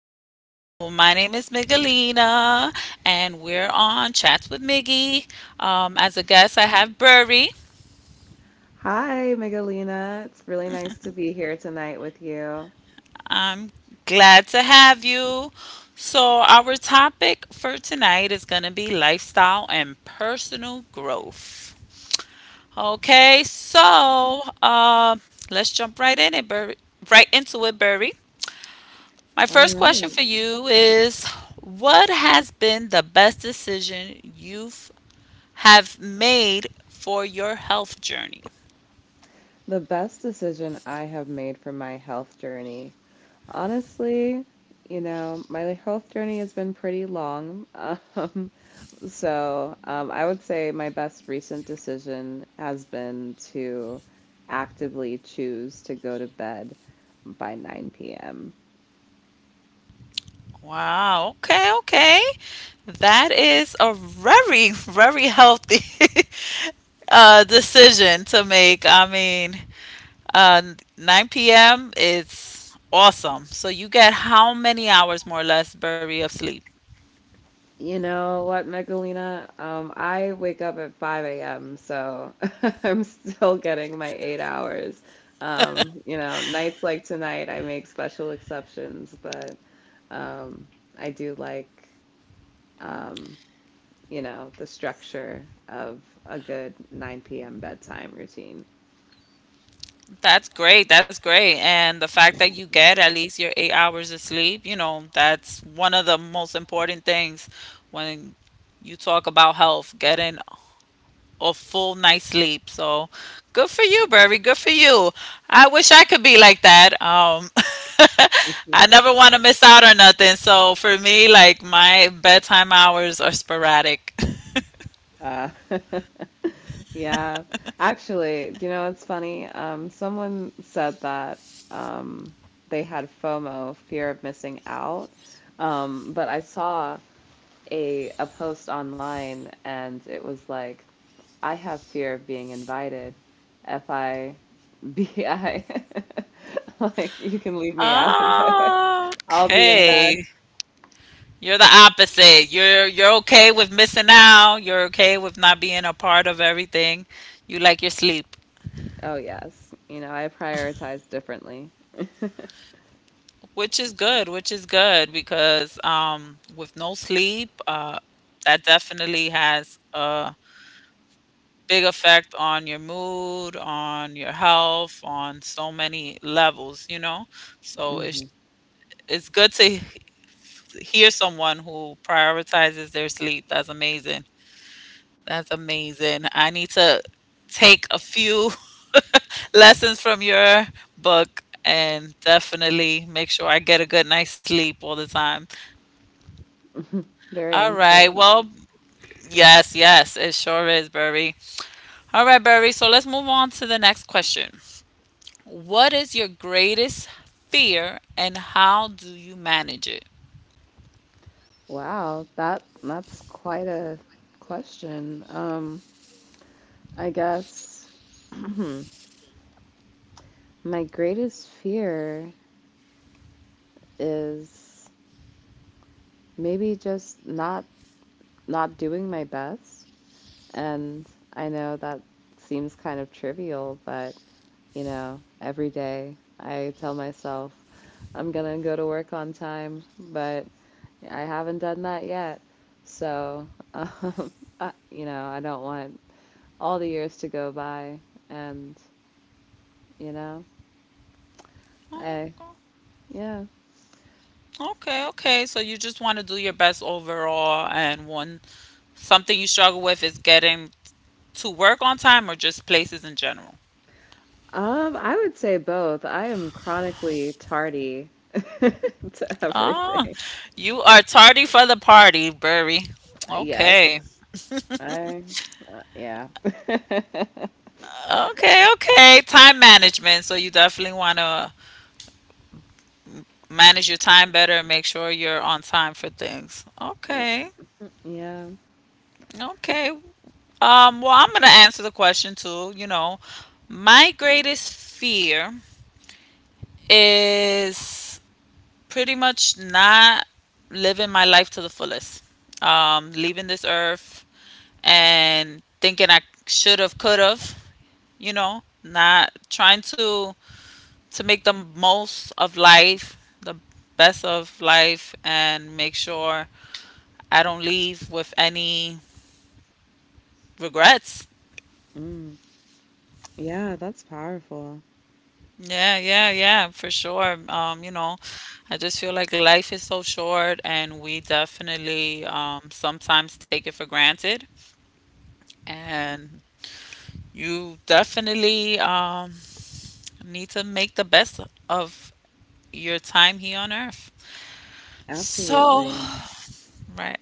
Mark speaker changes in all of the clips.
Speaker 1: Hello, my name is Miguelina, and we're on Chats with Miggy. As a guest, I have Burry.
Speaker 2: Hi, Megalina. It's really nice to be here tonight with you.
Speaker 1: I'm glad to have you. So, our topic for tonight is going to be lifestyle and personal growth. Okay, so let's jump right in it, Burry, right into it, Burry. My
Speaker 2: All
Speaker 1: first question
Speaker 2: right.
Speaker 1: for you is, what has been the best decision you've have made for your health journey?
Speaker 2: The best decision I have made for my health journey. Honestly, my health journey has been pretty long. Um, I would say my best recent decision has been to actively choose to go to bed by 9 p.m.
Speaker 1: Wow. Okay. Okay. That is a very, very healthy decision to make. Uh, 9 p.m. is awesome. So you get how many hours, more or less, Burry, of sleep?
Speaker 2: You know what, Megalina? I wake up at 5 a.m., so I'm still getting my 8 hours. Nights like tonight, I make special exceptions, but um, I do like, um, the structure of a good 9 p.m. bedtime routine.
Speaker 1: That's great. That's great. And the fact that you get at least your 8 hours of sleep, you know, that's one of the most important things when you talk about health, getting a full night's sleep. So good for you, Burry. Good for you. I wish I could be like that. I never want to miss out on nothing. So for me, like my bedtime hours are sporadic.
Speaker 2: Uh, Yeah. Actually, do you know what's funny? Someone said that um, they had FOMO, fear of missing out. But I saw a post online and it was like, I have fear of being invited. FIBI. Like, you can leave me out of it. I'll be in bed.
Speaker 1: Okay. You're the opposite. You're okay with missing out. You're okay with not being a part of everything. You like your sleep,
Speaker 2: Oh, yes. You know, I prioritize differently.
Speaker 1: which is good because with no sleep, that definitely has a big effect on your mood, on your health, on so many levels, you know? So it's
Speaker 2: hmm
Speaker 1: it's good to hear someone who prioritizes their sleep. That's amazing. That's amazing. I need to take a few lessons from your book and definitely make sure I get a good night's sleep all the time.
Speaker 2: Very
Speaker 1: All right.
Speaker 2: important.
Speaker 1: Well, yes, yes, it sure is, Burry. All right, Burry. So let's move on to the next question. What is your greatest fear and how do you manage it?
Speaker 2: Wow, that's quite a question. I guess my greatest fear is maybe just not doing my best. And I know that seems kind of trivial, but you know, every day I tell myself I'm gonna go to work on time, but I haven't done that yet. So, um, I, I don't want all the years to go by and you know I
Speaker 1: Oh,
Speaker 2: yeah
Speaker 1: okay, okay. So you just want to do your best overall, and one something you struggle with is getting to work on time or just places in general.
Speaker 2: I would say both. I am chronically tardy to
Speaker 1: Oh,
Speaker 2: everything.
Speaker 1: you are tardy for the party, Burry.
Speaker 2: Yes.
Speaker 1: Okay.
Speaker 2: I Yeah.
Speaker 1: Okay, okay. Time management. So you definitely want to manage your time better and make sure you're on time for things. Okay.
Speaker 2: Yeah.
Speaker 1: Okay. Well, I'm going to answer the question too. You know, my greatest fear is pretty much not living my life to the fullest. Leaving this earth and thinking I should have, could have, you know, not trying to make the most of life, the best of life, and make sure I don't leave with any regrets.
Speaker 2: mm. Yeah, that's powerful.
Speaker 1: Yeah, yeah, yeah, for sure. You know, I just feel like life is so short and we definitely sometimes take it for granted. And you definitely need to make the best of your time here on earth. So,
Speaker 2: Absolutely.
Speaker 1: right.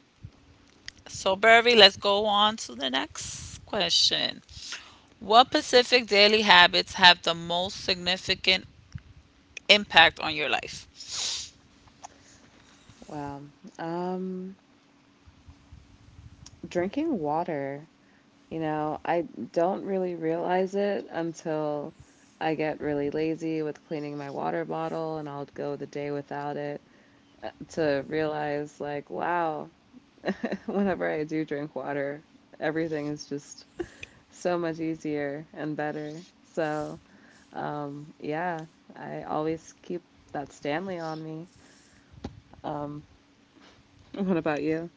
Speaker 1: So, Burry, let's go on to the next question. What Pacific daily habits have the most significant impact on your life?
Speaker 2: Wow. um Drinking water. You know, I don't really realize it until I get really lazy with cleaning my water bottle and I'll go the day without it to realize, like, wow, whenever I do drink water, everything is just so much easier and better. So, yeah, I always keep that Stanley on me. Um, what about you?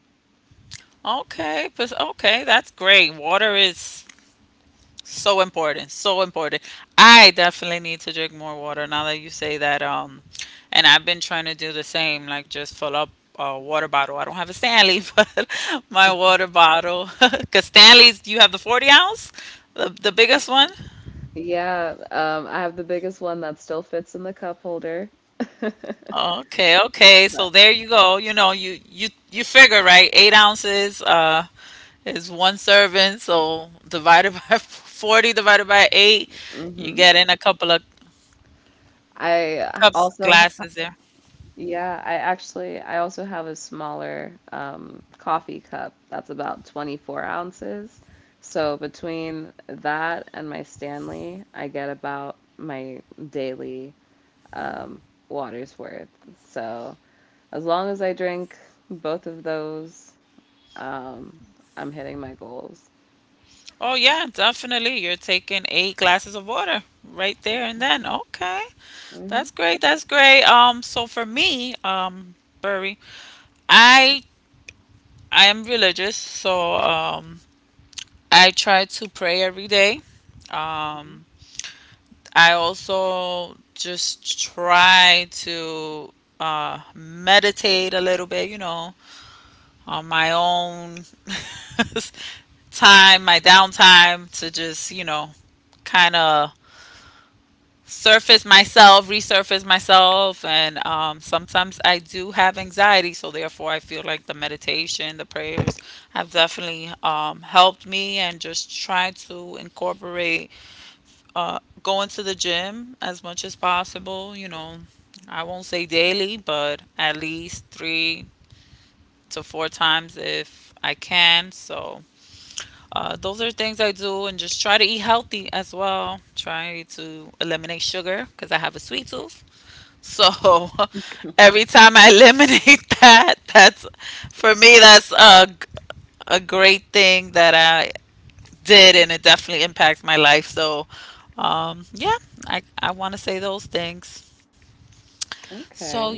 Speaker 1: Okay, but okay, that's great. Water is so important, so important. I definitely need to drink more water now that you say that. And I've been trying to do the same, like just fill up a water bottle. I don't have a Stanley, but my water bottle, because Stanley's, you have the 40 ounce, the biggest one.
Speaker 2: Yeah, I have the biggest one that still fits in the cup holder. But,
Speaker 1: Okay, okay. So there you go. You know, you figure, right? 8 ounces. It's one serving, so divided by 40, divided by 8, you
Speaker 2: mhm.
Speaker 1: get in a couple of
Speaker 2: I
Speaker 1: cups,
Speaker 2: also, h-
Speaker 1: glasses there.
Speaker 2: yeah, I also have a smaller coffee cup that's about 24 ounces. So between that and my Stanley, I get about my daily um, water's worth. So as long as I drink both of those, um, I'm hitting my goals.
Speaker 1: Oh, yeah, definitely. You're taking eight glasses of water right there and then. Okay.
Speaker 2: hmm
Speaker 1: That's great. That's great. So for me, Burry, I I am religious, so I try to pray every day. Um, I also just try to meditate a little bit, you know, on my own time, my downtime to just, you know, kind of surface myself, resurface myself. And sometimes I do have anxiety. So, therefore, I feel like the meditation, the prayers have definitely helped me, and just try to incorporate going to the gym as much as possible, you know. I won't say daily, but at least three to four times if I can. So those are things I do, and just try to eat healthy as well. Try to eliminate sugar because I have a sweet tooth. So every time I eliminate that, that's for me, that's a, a great thing that I did, and it definitely impacts my life. So, yeah, I want to say those things. So,
Speaker 2: Okay.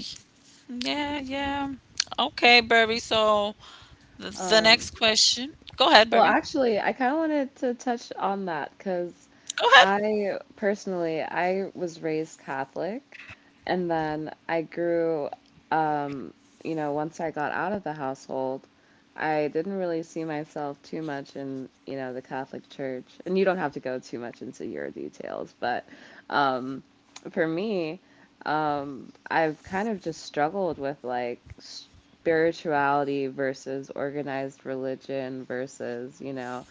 Speaker 1: yeah, yeah. Okay, Burby. So the next
Speaker 2: Um,
Speaker 1: question. Go ahead,
Speaker 2: Well,
Speaker 1: Burby.
Speaker 2: actually, I kind of wanted to touch on that because
Speaker 1: Go ahead.
Speaker 2: I personally, I was raised Catholic and then um, you know, once I got out of the household, I didn't really see myself too much in, you know, the Catholic Church. And you don't have to go too much into your details, but um, for me, I've kind of just struggled with like spirituality versus organized religion versus, you know,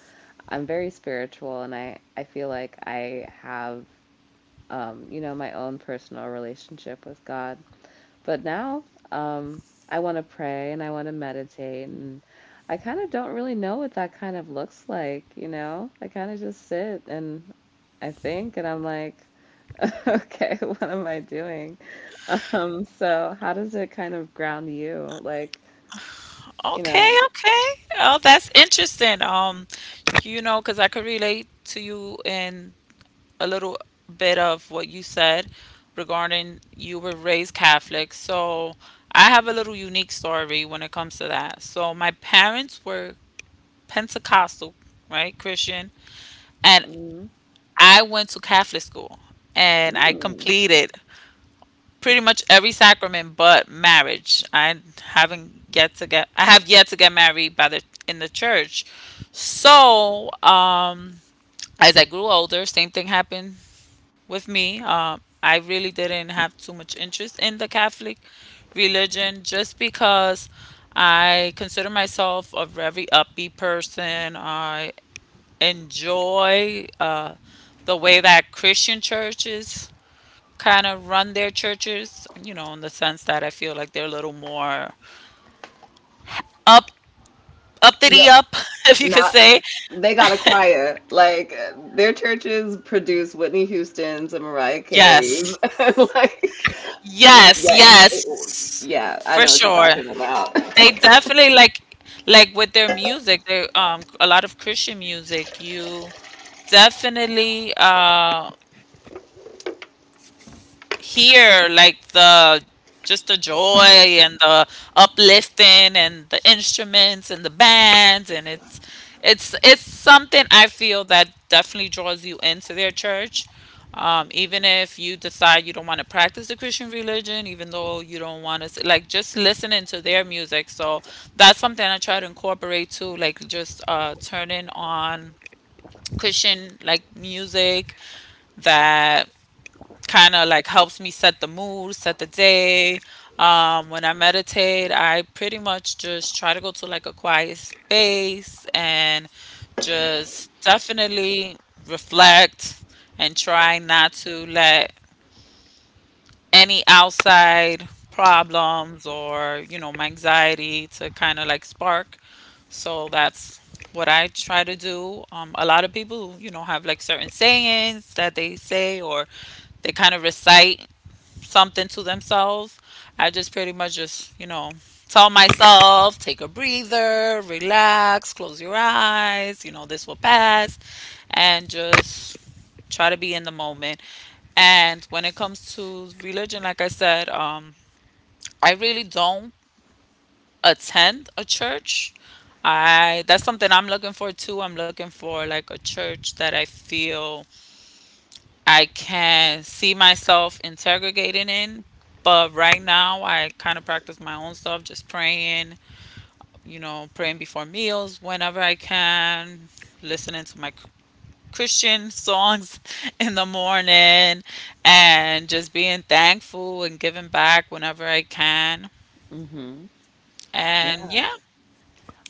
Speaker 2: I'm very spiritual and I feel like I have, you know, my own personal relationship with God. But now um, I want to pray and I want to meditate and I kind of don't really know what that kind of looks like, you know? I kind of just sit and I think and I'm like, okay, what am I doing? So how does it kind of ground you? Like, you
Speaker 1: Okay,
Speaker 2: know,
Speaker 1: okay. Oh, that's interesting. You know, because I could relate to you in a little bit of what you said regarding you were raised Catholic. So I have a little unique story when it comes to that. So my parents were Pentecostal, right, Christian, and
Speaker 2: mhm.
Speaker 1: I went to Catholic school and I
Speaker 2: Mm.
Speaker 1: completed pretty much every sacrament but marriage. I haven't yet to get I have yet to get married by the in the church. So, as I grew older, same thing happened with me. I really didn't have too much interest in the Catholic religion just because I consider myself a very upbeat person. I enjoy the way that Christian churches kind of run their churches, you know, in the sense that I feel like they're a little more up, uppity
Speaker 2: Yep.
Speaker 1: up, if you could
Speaker 2: Not
Speaker 1: say.
Speaker 2: They got a choir. Like their churches produce Whitney Houston's and Mariah Carey's.
Speaker 1: Yes,
Speaker 2: And like y-
Speaker 1: yes,
Speaker 2: yeah, you,
Speaker 1: yes,
Speaker 2: yeah, I
Speaker 1: for
Speaker 2: know what you're
Speaker 1: sure.
Speaker 2: talking about.
Speaker 1: They definitely like with their music, they a lot of Christian music. You definitely hear like the just the joy and the uplifting and the instruments and the bands, and it's something I feel that definitely draws you into their church. Even if you decide you don't want to practice the Christian religion, even though you don't want to, like just listening to their music. So that's something I try to incorporate too, like just turning on Christian like music that kind of like helps me set the mood, set the day. When I meditate, I pretty much just try to go to like a quiet space and just definitely reflect and try not to let any outside problems or, you know, my anxiety to kind of like spark. So that's what I try to do. A lot of people, you know, have like certain sayings that they say or they kind of recite something to themselves. I just pretty much just, you know, tell myself, take a breather, relax, close your eyes, you know, this will pass, and just try to be in the moment. And when it comes to religion, like I said, I really don't attend a church. I That's something I'm looking for too. I'm looking for like a church that I feel I can see myself integrating in. But right now, I kind of practice my own stuff, just praying, you know, praying before meals whenever I can, listening to my Christian songs in the morning, and just being thankful and giving back whenever I can.
Speaker 2: Mm-hmm. Yeah.
Speaker 1: And yeah,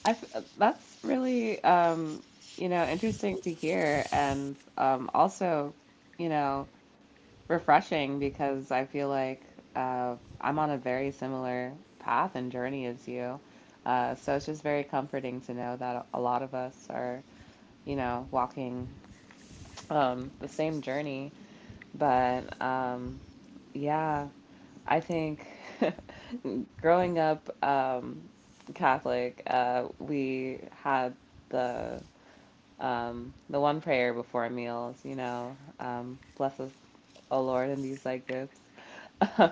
Speaker 2: I f That's really you know, interesting to hear and also, you know, refreshing because I feel like uh, I'm on a very similar path and journey as you. So it's just very comforting to know that a lot of us are, you know, walking the same journey. But yeah, I think growing up Catholic, we had the the one prayer before meals, you know, bless us, O Lord, and these thy gifts.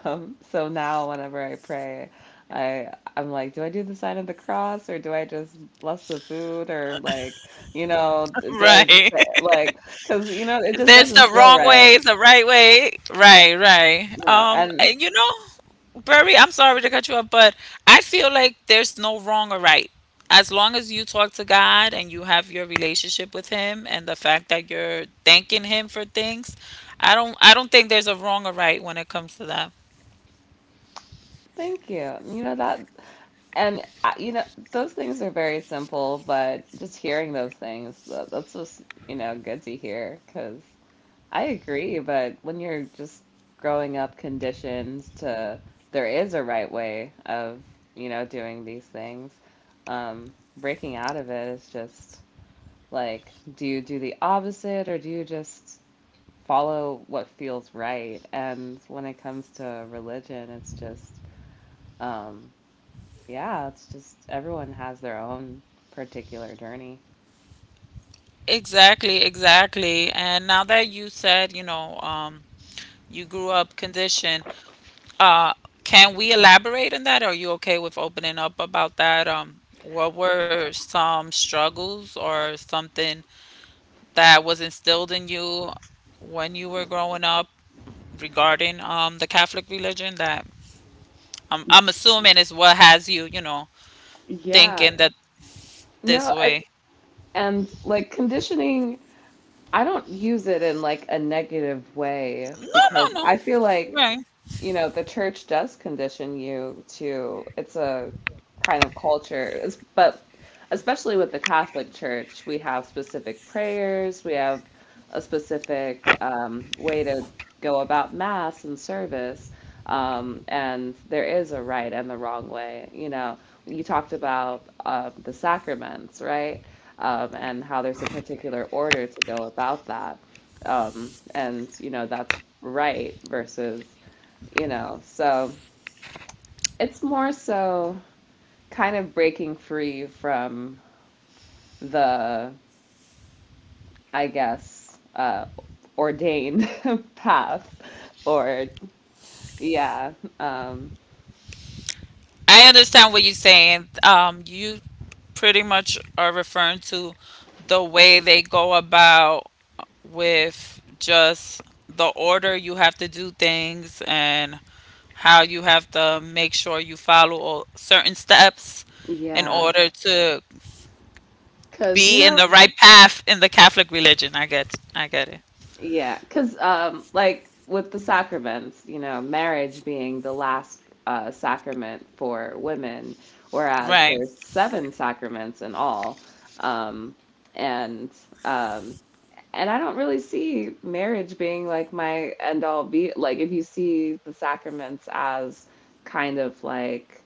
Speaker 2: So now whenever I pray, I'm like, do I do the sign of the cross or do I just bless the food or like, you know, do I just
Speaker 1: right.
Speaker 2: say, like, because you know, it just
Speaker 1: There's the
Speaker 2: doesn't feel
Speaker 1: wrong
Speaker 2: right,
Speaker 1: way, the right way. Right, right.
Speaker 2: you know. And
Speaker 1: And you know, Barry, I'm sorry to cut you off, but I feel like there's no wrong or right. As long as you talk to God and you have your relationship with him and the fact that you're thanking him for things, I don't think there's a wrong or right when it comes to that.
Speaker 2: thank you, you know that, and I, you know, those things are very simple, but just hearing those things, that's just, you know, good to hear because I agree. But when you're just growing up conditioned to there is a right way of, you know, doing these things, breaking out of it is just like, do you do the opposite or do you just follow what feels right? And when it comes to religion, it's just, um, yeah, it's just everyone has their own particular journey.
Speaker 1: Exactly, exactly. And now that you said, you know, you grew up conditioned, Uh, can we elaborate on that? Are you okay with opening up about that? What were some struggles or something that was instilled in you when you were growing up regarding the Catholic religion that I'm assuming is what has you, you know,
Speaker 2: Yeah.
Speaker 1: thinking that this
Speaker 2: No, I,
Speaker 1: way.
Speaker 2: And like conditioning. I don't use it in like a negative way
Speaker 1: No,
Speaker 2: because
Speaker 1: no, no.
Speaker 2: I feel like,
Speaker 1: Right.
Speaker 2: you know, the church does condition you to, it's a kind of culture. It's- but especially with the Catholic Church, we have specific prayers, we have a specific way to go about mass and service. And there is a right and the wrong way. You know, you talked about the sacraments, right? And how there's a particular order to go about that. And, you know, that's right versus, you know, so it's more so kind of breaking free from the, I guess, ordained path or, yeah, um,
Speaker 1: I understand what you're saying. You pretty much are referring to the way they go about with just the order you have to do things and how you have to make sure you follow certain steps in
Speaker 2: yeah.
Speaker 1: order to
Speaker 2: Because, you
Speaker 1: be in
Speaker 2: know,
Speaker 1: the right path in the Catholic religion. I get it.
Speaker 2: yeah, because like with the sacraments, you know, marriage being the last sacrament for women, whereas
Speaker 1: Right,
Speaker 2: there's seven sacraments in all, um, and um, and I don't really see marriage being like my end all be like. If you see the sacraments as kind of like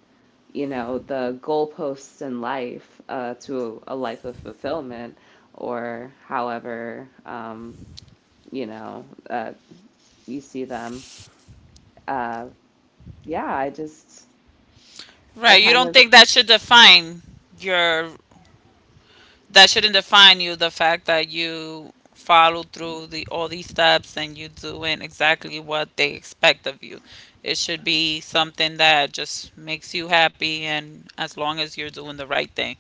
Speaker 2: you know the goalposts in life to a life of fulfillment or however. You know, you see them. Uh, yeah, I just, I
Speaker 1: right. You
Speaker 2: kind
Speaker 1: don't
Speaker 2: of,
Speaker 1: think that should define your that shouldn't define you, the fact that you follow through the all these steps and you doing exactly what they expect of you. It should be something that just makes you happy, and as long as you're doing the right thing,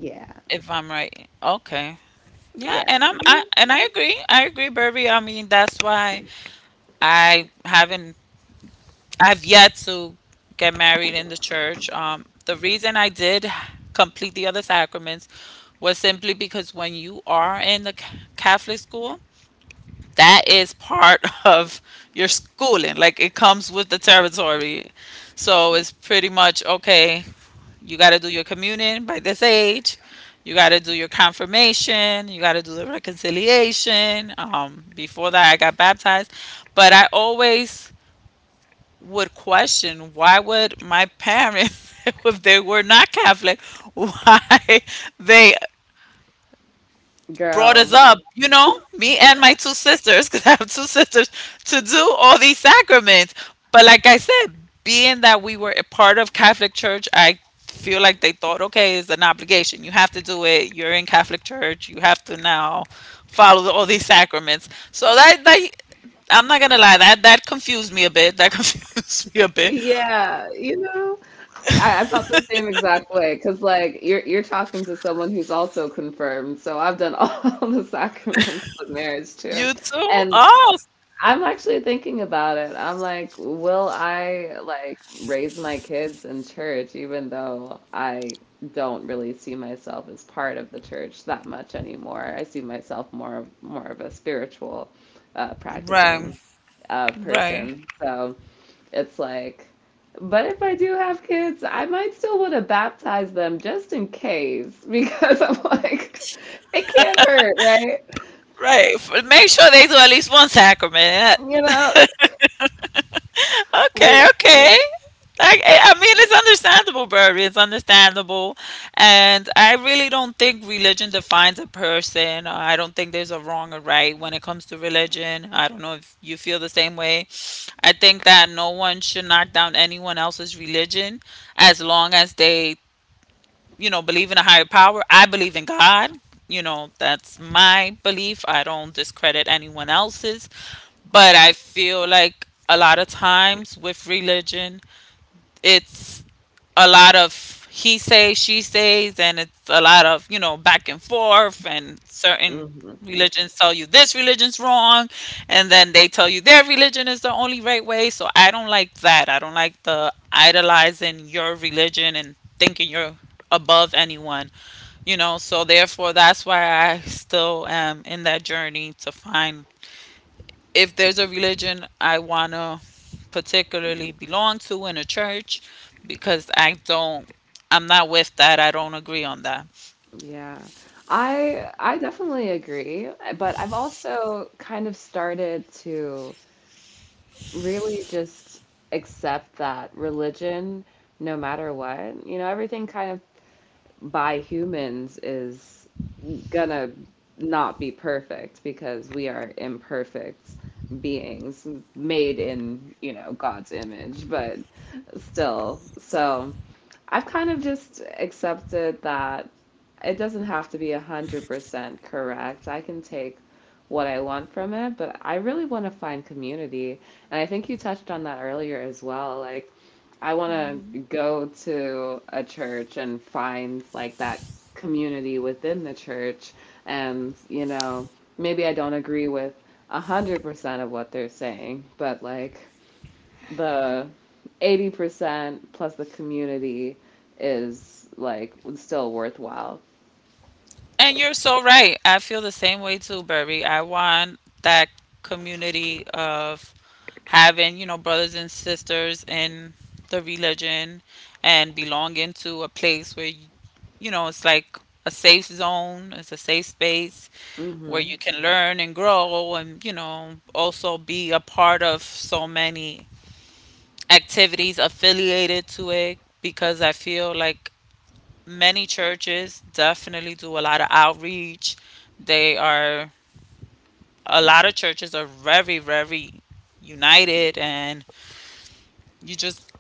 Speaker 2: yeah.
Speaker 1: if I'm right. Okay, yeah,
Speaker 2: Yeah. Yeah.
Speaker 1: and I agree, I agree, Burby. I mean, that's why I haven't I've yet to get married in the church. The reason I did complete the other sacraments was simply because when you are in the Catholic school, that is part of your schooling. Like, it comes with the territory. So it's pretty much okay, you got to do your communion by this age. You got to do your confirmation. You got to do the reconciliation. Before that, I got baptized. But I always would question why would my parents, if they were not Catholic, why they brought us.
Speaker 2: Girl,
Speaker 1: Yeah. Up, you know, me and my two sisters, because I have two sisters, to do all these sacraments. But like I said, being that we were a part of Catholic Church, I feel like they thought, okay, it's an obligation. You have to do it. You're in Catholic Church. You have to now all these sacraments. So that I'm not gonna lie, that confused me a bit. That confused me a bit.
Speaker 2: yeah, you know, like, I felt the same exact way because, like, you're talking to someone who's also confirmed. So I've done all the sacraments but marriage too,
Speaker 1: You too?
Speaker 2: and
Speaker 1: Oh,
Speaker 2: I'm actually thinking about it. I'm like, will I like raise my kids in church, even though I don't really see myself as part of the church that much anymore. I see myself more of a spiritual
Speaker 1: right,
Speaker 2: practicing
Speaker 1: right,
Speaker 2: person. So it's like, but if I do have kids, I might still want to baptize them just in case, because I'm like, it can't hurt, right?
Speaker 1: right. Make sure they do at least one sacrament.
Speaker 2: You know,
Speaker 1: Okay, okay. Like, I mean, it's understandable, Barry. It's understandable. And I really don't think religion defines a person. I don't think there's a wrong or right when it comes to religion. I don't know if you feel the same way. I think that no one should knock down anyone else's religion as long as they, believe in a higher power. I believe in God. You know, that's my belief. I don't discredit anyone else's. But I feel like a lot of times with religion, it's a lot of he says, she says, and it's a lot of, you know, back and forth. And certain
Speaker 2: le-
Speaker 1: religions tell you this religion's wrong, and then they tell you their religion is the only right way. So I don't like that. I don't like the idolizing your religion and thinking you're above anyone, you know. So therefore, that's why I still am in that journey to find if there's a religion I want to particularly belong to in a church because I'm not with that. I don't agree on that.
Speaker 2: Yeah. I definitely agree, eh, but I've also kind of started to really just accept that religion, no matter what, you know, everything kind of by humans is gonna not be perfect because we are imperfect beings made in, you know, God's image, but still. So I've kind of just accepted that it doesn't have to be a 100% correct. I can take what I want from it, but I really want to find community. And I think you touched on that earlier as well. Like, I want to go to a church and find like that community within the church. And, you know, maybe I don't agree with 100% of what they're saying, but like the 80% plus the community is like still worthwhile.
Speaker 1: And you're so right. I feel the same way too, Burby. I want that community of having, you know, brothers and sisters in the religion and belonging to a place where, you know, it's like a safe zone, it's a safe space where
Speaker 2: hmm
Speaker 1: you can learn and grow and, you know, also be a part of so many activities affiliated to it because I feel like many churches definitely do a lot of outreach. They are, a lot of churches are very, very united and you just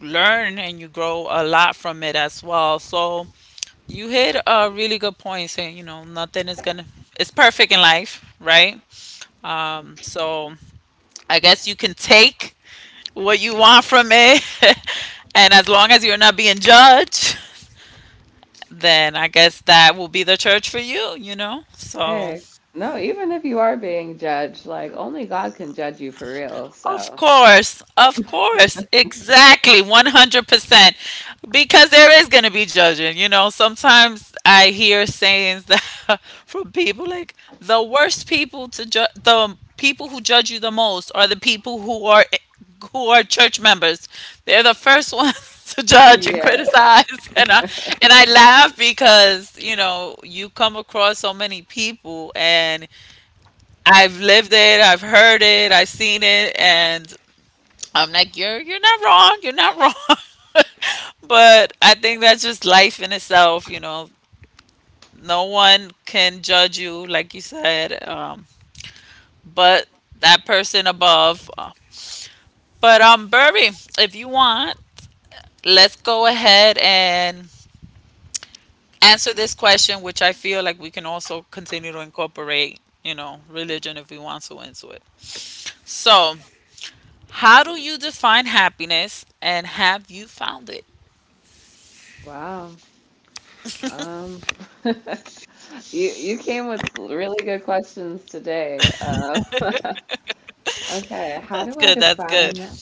Speaker 1: learn and you grow a lot from it as well. So you hit a really good point saying, nothing is going to, it's perfect in life, right? So I guess you can take what you want from it. And as long as you're not being judged, then I guess that will be the church for you, you know? So
Speaker 2: Hey, no, even if you are being judged, like only God can judge you for real.
Speaker 1: of
Speaker 2: So,
Speaker 1: course, of course, exactly, 100%. Because there is going to be judging, you know. Sometimes I hear sayings that from people like the worst people to judge, the people who judge you the most are the people who are church members. They're the first ones to judge and
Speaker 2: yeah.
Speaker 1: criticize, and I and I laugh because you know you come across so many people, and I've lived it, I've heard it, I've seen it, and I'm like, you're not wrong. You're not wrong. But I think that's just life in itself. You know, no one can judge you, like you said, but that person above. But Burby, if you want, let's go ahead and answer this question, which I feel like we can also continue to incorporate. You know, religion if we want to into it. So, how do you define happiness, and have you found it?
Speaker 2: Wow. Um, you came with really good questions today. Okay,
Speaker 1: That's good. That's good.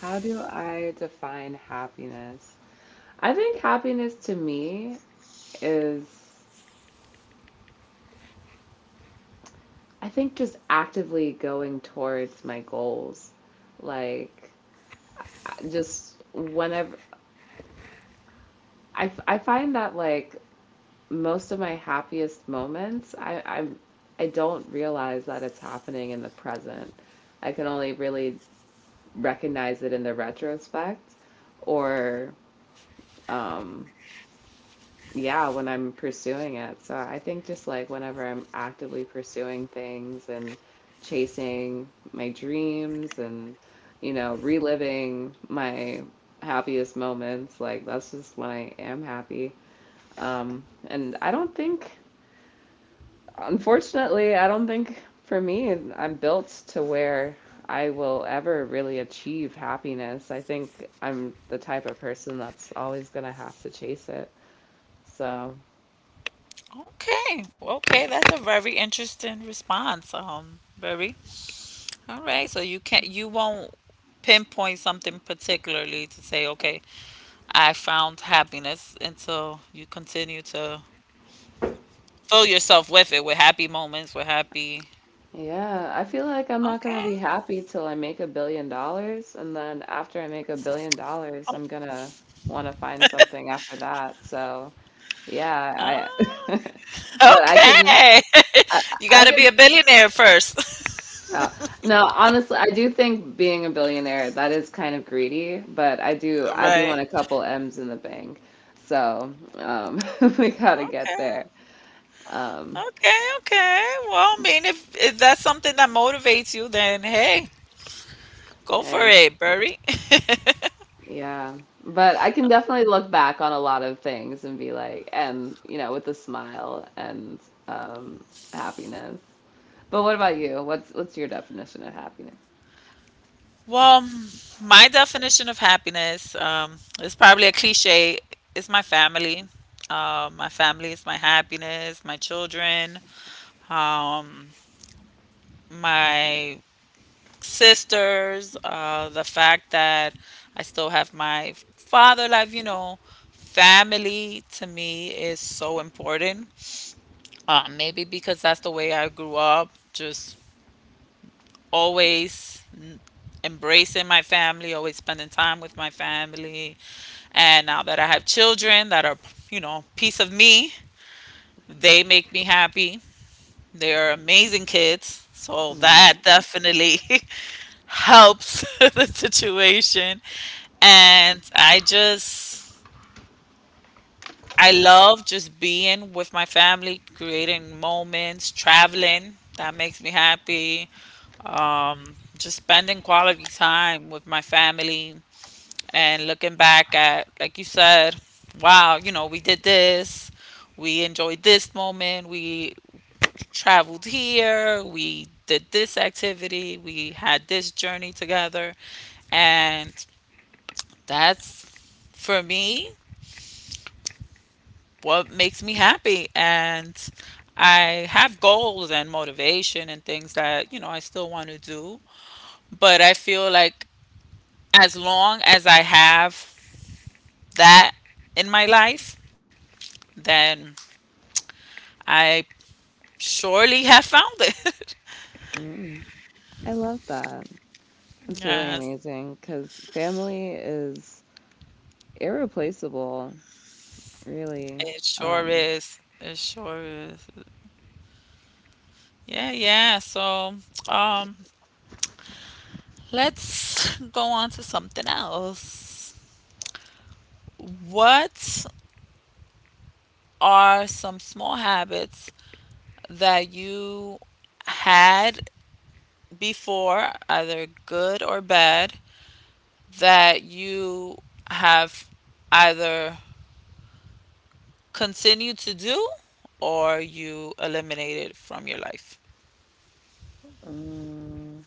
Speaker 2: how do I define happiness? I think happiness to me is I think just actively going towards my goals. Like I- just whenever I, f- I find that like most of my happiest moments, I, I'm I do not realize that it's happening in the present. I can only really recognize it in the retrospect or um yeah, when I'm pursuing it. So I think just like whenever I'm actively pursuing things and chasing my dreams and you know, reliving my happiest moments, like that's just when I am happy. And I don't think Unfortunately, I don't think for me, I'm built to where I will ever really achieve happiness. I think I'm the type of person that's always going to have to chase it. So,
Speaker 1: Okay. Okay, that's a very interesting response. Very. All right. So you won't pinpoint something particularly to say, okay, I found happiness until you continue to fill yourself with it, with happy moments, with happy.
Speaker 2: yeah, I feel like I'm not going to
Speaker 1: Okay.
Speaker 2: be happy till I make $1 billion. And then after I make $1 billion,
Speaker 1: Oh,
Speaker 2: I'm going to want to find something after that. So,
Speaker 1: ah,
Speaker 2: yeah, but
Speaker 1: okay.
Speaker 2: I,
Speaker 1: You
Speaker 2: I
Speaker 1: gotta be
Speaker 2: could.
Speaker 1: a billionaire first.
Speaker 2: Uh, no, honestly, I do think being a billionaire that is kind of greedy, but I do
Speaker 1: Right.
Speaker 2: want a couple M's in the bank. So, we gotta
Speaker 1: Okay.
Speaker 2: get there. Um
Speaker 1: Okay. Okay. Well, I mean, if that's something that motivates you, then hey, go for
Speaker 2: Hey,
Speaker 1: it, Burry.
Speaker 2: yeah. But I can definitely look back on a lot of things and be like, and you know, with a smile and um happiness. But what about you? What's your definition of happiness?
Speaker 1: Well, my definition of happiness, is probably a cliche. It's my family. My family is my happiness, my children, um, my sisters, the fact that I still have my father life, you know. Family to me is so important. Maybe because that's the way I grew up, just always embracing my family, always spending time with my family. And now that I have children that are, you know, piece of me, they make me happy. They are amazing kids. So that
Speaker 2: Mm,
Speaker 1: definitely helps the situation. And I love just being with my family, creating moments, traveling. That makes me happy. Just spending quality time with my family and looking back at, like you said, wow, you know, we did this, we enjoyed this moment, we traveled here, we did this activity, we had this journey together. And that's for me what makes me happy. And I have goals and motivation and things that, you know, I still want to do. But I feel like as long as I have that in my life, then I surely have found it.
Speaker 2: mm. I love that. It's really
Speaker 1: Yes,
Speaker 2: amazing because family is irreplaceable, really.
Speaker 1: it sure
Speaker 2: Um,
Speaker 1: is. It sure is. Yeah, yeah. So, um, let's go on to something else. What are some small habits that you had before, either good or bad, that you have either continue to do or you eliminate it from your life?
Speaker 2: mm,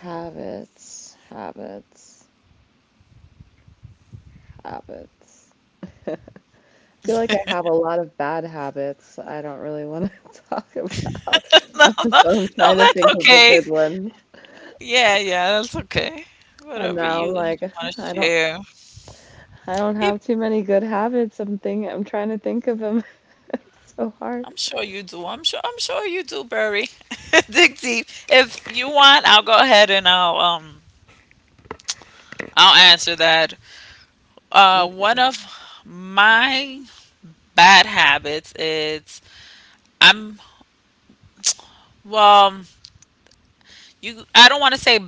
Speaker 2: habits, habits, habits. I feel like I have a lot of bad habits I don't really want to talk about.
Speaker 1: No, no,
Speaker 2: So I'm
Speaker 1: no,
Speaker 2: trying to
Speaker 1: that's
Speaker 2: think of the
Speaker 1: okay.
Speaker 2: good ones.
Speaker 1: Yeah, yeah, that's okay.
Speaker 2: And
Speaker 1: Whatever
Speaker 2: now
Speaker 1: you
Speaker 2: I'm like,
Speaker 1: you
Speaker 2: "Huh,
Speaker 1: want
Speaker 2: I
Speaker 1: to
Speaker 2: don't
Speaker 1: share.
Speaker 2: I don't
Speaker 1: If-
Speaker 2: have too many good habits. I'm trying to think of them. It's so hard.
Speaker 1: I'm sure you do. I'm sure you do, Barry. Dig deep. If you want, I'll go ahead and I'll answer that. Uh, one
Speaker 2: Okay.
Speaker 1: of my bad habits is I'm well you I don't want to say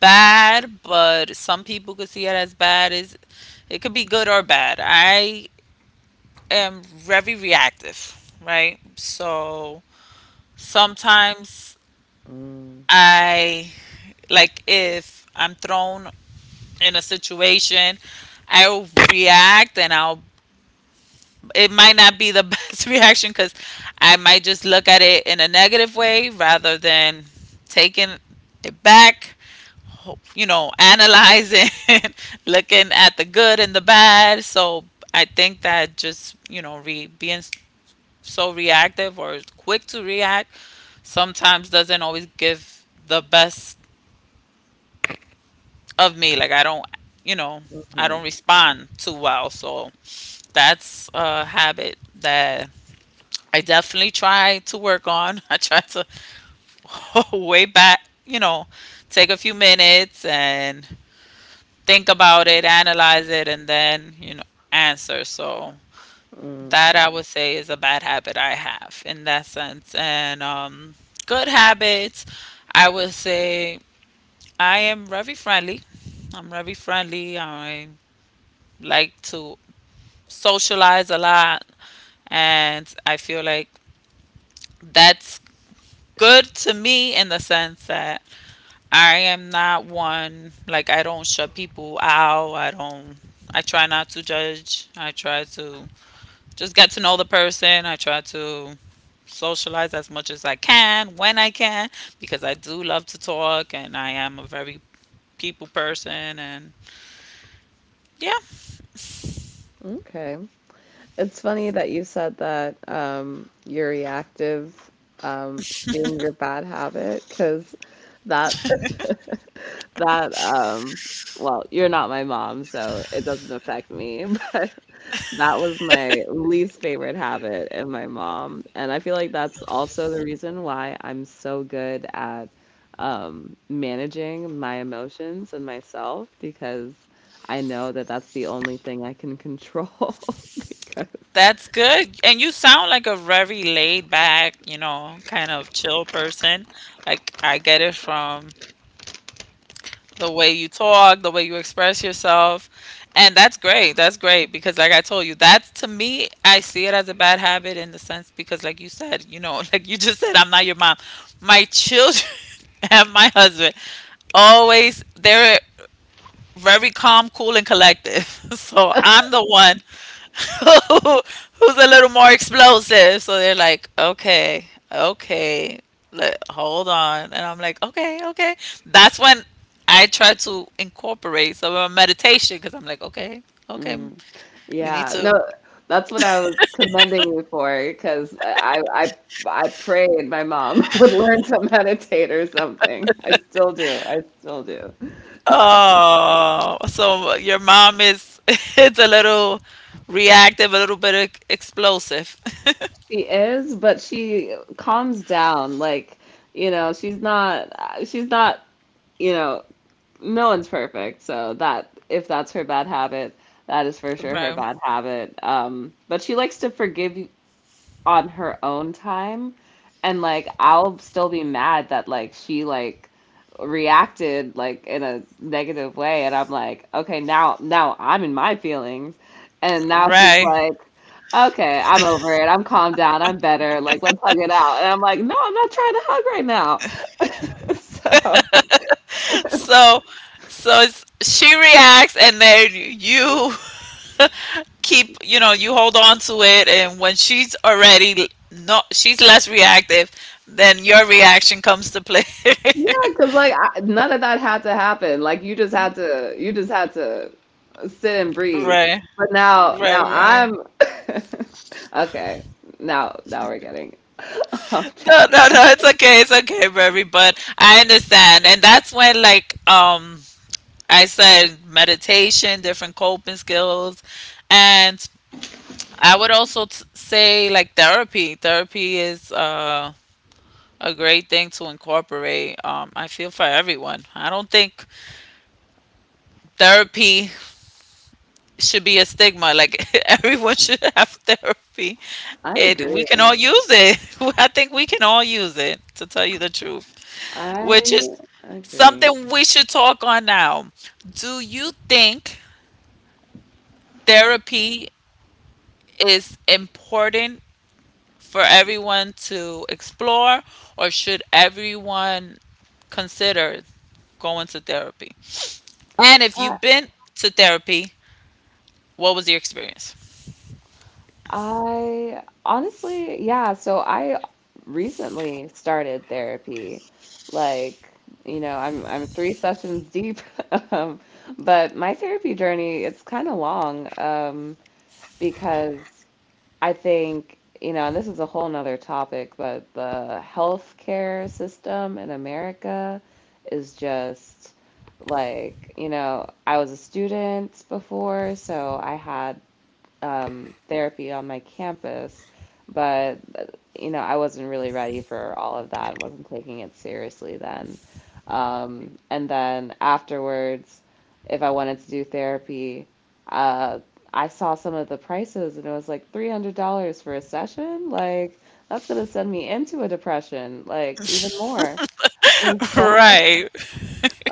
Speaker 1: bad, but some people could see it as bad. Is it could be good or bad. I am very reactive, right? So sometimes
Speaker 2: Mm,
Speaker 1: I, like, if I'm thrown in a situation, I'll react and I'll it might not be the best reaction cuz I might just look at it in a negative way rather than taking it back, you know, analyzing, looking at the good and the bad. So I think that just, you know, so reactive or quick to react sometimes doesn't always give the best of me. Like I don't, you know, I don't
Speaker 2: hmm
Speaker 1: respond too well. So that's a habit that I definitely try to work on. I try to way back, you know, take a few minutes and think about it, analyze it, and then, you know, answer. So
Speaker 2: mm,
Speaker 1: that I would say is a bad habit I have in that sense. And Good habits, I would say I am very friendly. I'm very friendly. I like to socialize a lot. And I feel like that's good to me in the sense that I am not one, like, I don't shut people out. I try not to judge. I try to just get to know the person. I try to socialize as much as I can when I can because I do love to talk and I am a very people person and yeah,
Speaker 2: okay. It's funny that you said that are reactive, being your bad habit, because that that well, you're not my mom, so it doesn't affect me. But that was my least favorite habit in my mom, and I feel like that's also the reason why I'm so good at, managing my emotions and myself because I know that that's the only thing I can control because.
Speaker 1: that's good. And you sound like a very laid back, you know, kind of chill person. Like I get it from the way you talk, the way you express yourself. And that's great. That's great because, like I told you, that's to me, I see it as a bad habit in the sense because, like you said, you know, like you just said, I'm not your mom. My children and my husband always, they're very calm, cool, and collective. So I'm the one who's a little more explosive. So they're like, okay, okay, let, hold on. And I'm like, okay, okay. That's when I try to incorporate some of my meditation because I'm like, okay, okay,
Speaker 2: Mm.
Speaker 1: you need
Speaker 2: Yeah,
Speaker 1: to.
Speaker 2: no, that's what I was commending you for because I prayed my mom would learn to meditate or something. I still do. I still do.
Speaker 1: Oh, so your mom is it's a little reactive, a little bit explosive.
Speaker 2: She is, but she calms down. Like, you know, she's not, you know, no one's perfect. So that if that's her bad habit, that is for sure her
Speaker 1: Right.
Speaker 2: bad habit. But she likes to forgive on her own time, and like I'll still be mad that like she like reacted like in a negative way, and I'm like, okay, now I'm in my feelings, and now she's
Speaker 1: Right.
Speaker 2: like, okay, I'm over it, I'm calmed down, I'm better, like let's hug it out, and I'm like, no, I'm not trying to hug right now. So
Speaker 1: So, so it's, she reacts, and then you keep, you know, you hold on to it and when she's already not, she's less reactive, then your reaction comes to play.
Speaker 2: yeah, because like I, none of that had to happen. Like you just had to sit and breathe.
Speaker 1: Right,
Speaker 2: But now,
Speaker 1: right,
Speaker 2: now
Speaker 1: right.
Speaker 2: I'm okay. Now we're getting off
Speaker 1: No,
Speaker 2: track.
Speaker 1: no, no, it's okay, it's okay, Barry, but I understand. And that's when, like, I said meditation, different coping skills and I would also say like therapy. Therapy is a great thing to incorporate, I feel, for everyone. I don't think therapy should be a stigma. Like, everyone should have therapy.
Speaker 2: I
Speaker 1: It we can all
Speaker 2: agree.
Speaker 1: use it. I think we can all use it to tell you the truth, which
Speaker 2: I
Speaker 1: is
Speaker 2: agree.
Speaker 1: something we should talk on now. Do you think therapy is important for everyone to explore, or should everyone consider going to therapy? And if
Speaker 2: I
Speaker 1: you've been to therapy, what was your experience?
Speaker 2: I honestly, yeah. So I recently started therapy. Like, you know, I'm three sessions deep. Um, but my therapy journey, it's kind of long, because I think, you know, and this is a whole nother topic, but the healthcare system in America is just like, you know, I was a student before, so I had, therapy on my campus, but you know, I wasn't really ready for all of that, wasn't taking it seriously then. And then afterwards, if I wanted to do therapy, uh, I saw some of the prices, and it was like $300 for a session. Like, that's gonna send me into a depression, like even more.
Speaker 1: Right.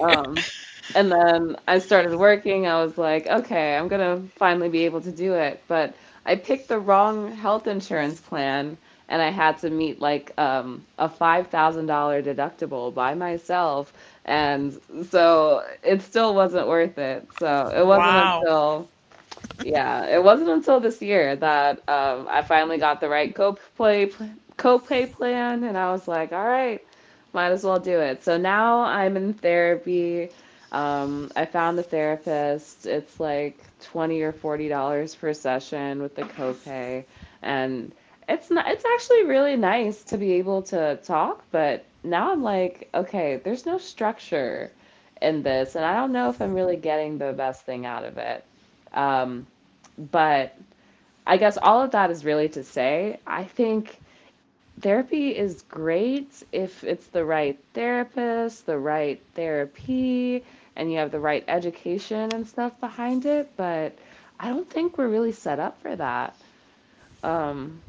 Speaker 2: Um, and then I started working. I was like, okay, I'm gonna finally be able to do it. But I picked the wrong health insurance plan, and I had to meet like, a $5,000 deductible by myself. And so it still wasn't worth it. So it wasn't
Speaker 1: Wow.
Speaker 2: until yeah, it wasn't until this year that, I finally got the right co-play co-pay plan, and I was like, all right, might as well do it. So now I'm in therapy. I found a therapist. It's like 20 or $40 per session with the copay, and it's not, it's actually really nice to be able to talk, but now I'm like, okay, there's no structure in this, and I don't know if I'm really getting the best thing out of it. Um, but I guess all of that is really to say, I think therapy is great if it's the right therapist, the right therapy, and you have the right education and stuff behind it. But I don't think we're really set up for that. Um,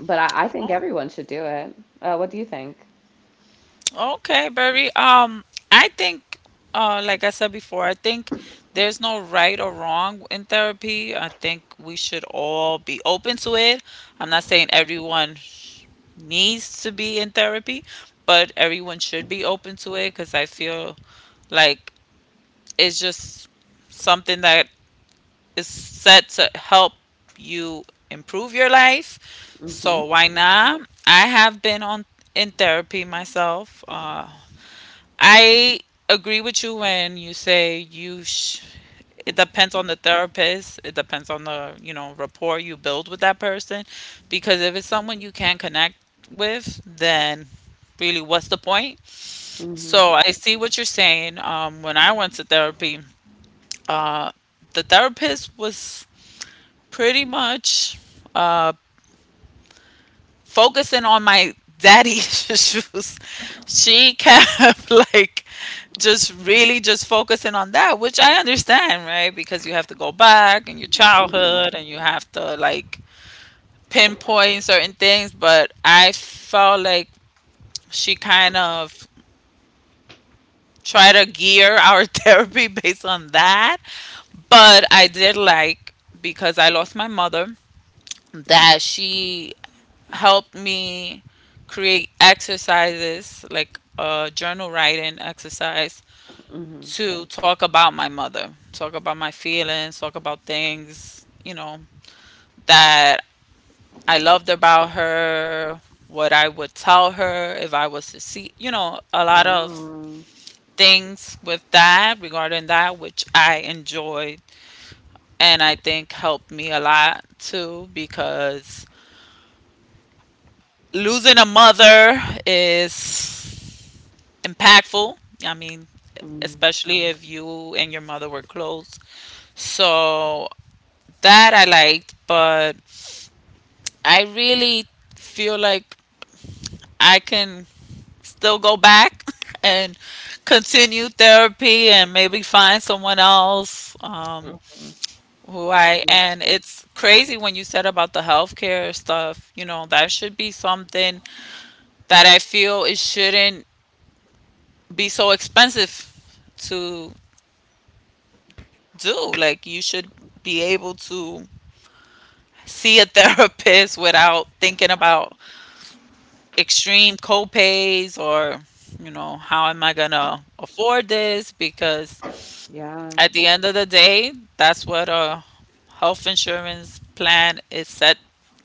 Speaker 2: but I think
Speaker 1: Oh.
Speaker 2: everyone should do it. What do you think?
Speaker 1: Okay, Barry. I think, like I said before, I think there's no right or wrong in therapy. I think we should all be open to it. I'm not saying everyone sh- needs to be in therapy, but everyone should be open to it because I feel like it's just something that is set to help you improve your life. So
Speaker 2: Mm-hmm.
Speaker 1: why not? I have been on in therapy myself. I agree with you when you say it depends on the therapist, it depends on the, you know, rapport you build with that person because if it's someone you can't connect with, then really what's the point?
Speaker 2: Mm-hmm.
Speaker 1: So I see what you're saying. When I went to therapy, uh, the therapist was pretty much uh, focusing on my daddy issues. She kept like just really just focusing on that, which I understand, right? Because you have to go back in your childhood
Speaker 2: Mm-hmm.
Speaker 1: and you have to like pinpoint certain things, but I felt like she kind of tried to gear our therapy based on that. But I did like, because I lost my mother, that she helped me create exercises like a journal writing exercise
Speaker 2: Mm-hmm.
Speaker 1: to talk about my mother, talk about my feelings, talk about things, you know, that I loved about her, what I would tell her if I was to see, you know, a lot of
Speaker 2: Wow.
Speaker 1: things with that regarding that, which I enjoyed and I think helped me a lot too because losing a mother is impactful. I mean, especially if you and your mother were close. So that I liked, but I really feel like I can still go back and continue therapy and maybe find someone else
Speaker 2: Mm-hmm.
Speaker 1: who I.
Speaker 2: Yeah.
Speaker 1: And it's crazy when you said about the healthcare stuff, you know, that should be something that I feel it shouldn't be so expensive to do. Like, you should be able to see a therapist without thinking about extreme co-pays or, you know, how am I gonna afford this? Because
Speaker 2: Yeah.
Speaker 1: at the end of the day, that's what a health insurance plan is set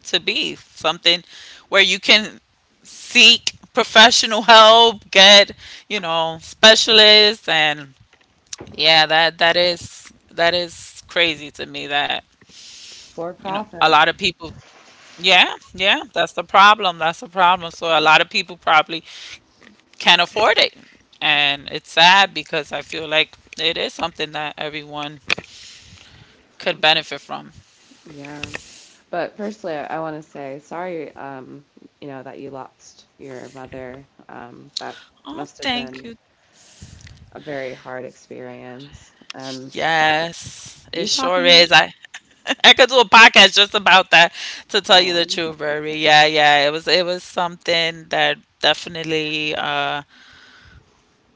Speaker 1: to be, something where you can seek professional help, get, you know, specialists. And yeah, that is, that is crazy to me that,
Speaker 2: It's for
Speaker 1: you know, a
Speaker 2: profit.
Speaker 1: lot of people, yeah, yeah, that's the problem, that's the problem. So a lot of people probably can't afford it. And it's sad because I feel like it is something that everyone could benefit from.
Speaker 2: Yeah. But firstly, I want to say sorry, you know, that you lost your mother. That
Speaker 1: Oh,
Speaker 2: must have
Speaker 1: thank
Speaker 2: been
Speaker 1: you.
Speaker 2: a very hard experience. And
Speaker 1: Yes, it
Speaker 2: you
Speaker 1: sure
Speaker 2: talking up?
Speaker 1: is. I I could do a podcast just about that to tell you the
Speaker 2: Oh,
Speaker 1: truth, Rory. Yeah, yeah. It was something that definitely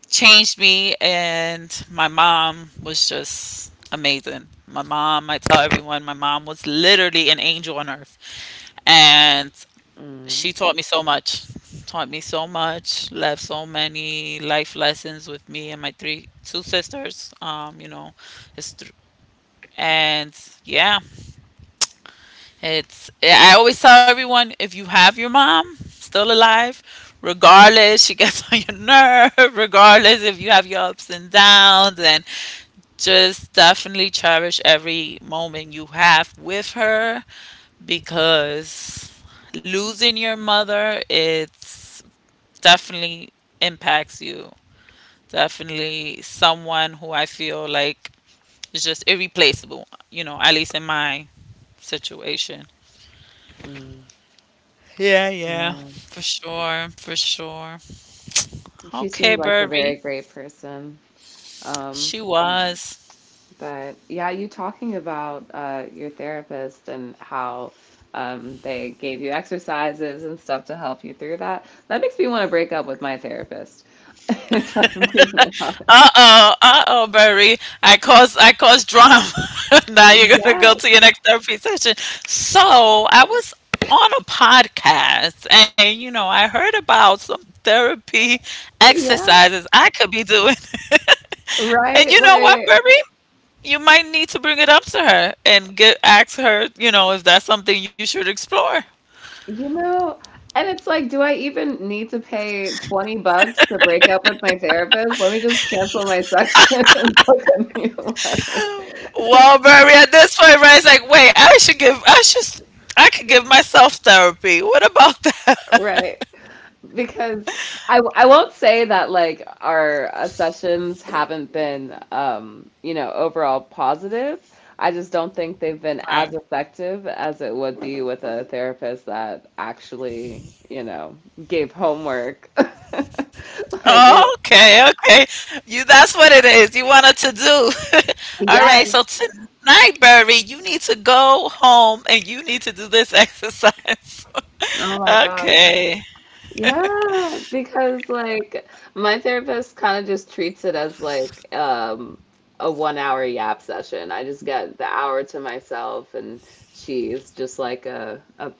Speaker 1: changed me. And my mom was just amazing. My mom, I tell everyone, my mom was literally an angel on earth. And
Speaker 2: mm,
Speaker 1: she taught me so much. Taught me so much. Left so many life lessons with me and my three two sisters. You know, it's thr and yeah, it's. I always tell everyone, if you have your mom still alive, regardless she gets on your nerve, regardless if you have your ups and downs, and just definitely cherish every moment you have with her, because losing your mother, it's definitely impacts you. Definitely someone who I feel like is just irreplaceable, you know, at least in my situation.
Speaker 2: mm,
Speaker 1: Yeah, yeah,
Speaker 2: yeah.
Speaker 1: for sure, for sure.
Speaker 2: She
Speaker 1: Okay,
Speaker 2: seemed like a very
Speaker 1: Burby.
Speaker 2: great person. Um,
Speaker 1: She was.
Speaker 2: But yeah, you talking about your therapist and how, they gave you exercises and stuff to help you through that, that makes me want to break up with my therapist, if I'm being honest.
Speaker 1: Uh-oh, uh-oh, Barry. I cause drama. Now you're gonna go
Speaker 2: Yes,
Speaker 1: to your next therapy session. So I was on a podcast and you know, I heard about some therapy
Speaker 2: yeah,
Speaker 1: exercises I could be doing. And you
Speaker 2: right.
Speaker 1: know what,
Speaker 2: Like,
Speaker 1: Barry? You might need to bring it up to her and get ask her, you know, if that's something you should explore.
Speaker 2: you know, and it's like, do I even need to pay 20 bucks to break up with my therapist? Let me just cancel my session and book a new one.
Speaker 1: Well, Barry, at this point, right, it's like, wait, I should give I should I could give myself therapy. What about that?
Speaker 2: Right. Because I won't say that like our, sessions haven't been, you know, overall positive. I just don't think they've been as effective as it would be with a therapist that actually, you know, gave homework. Like it,
Speaker 1: Oh, okay, okay. You, that's what it is. You wanted to do. All right,
Speaker 2: yes.
Speaker 1: so tonight, Burby, you need to go home and you need to do this exercise.
Speaker 2: Oh my gosh.
Speaker 1: Okay.
Speaker 2: Yeah, because like my therapist kind of just treats it as like, a 1 hour yap session. I just get the hour to myself, and she's just like a,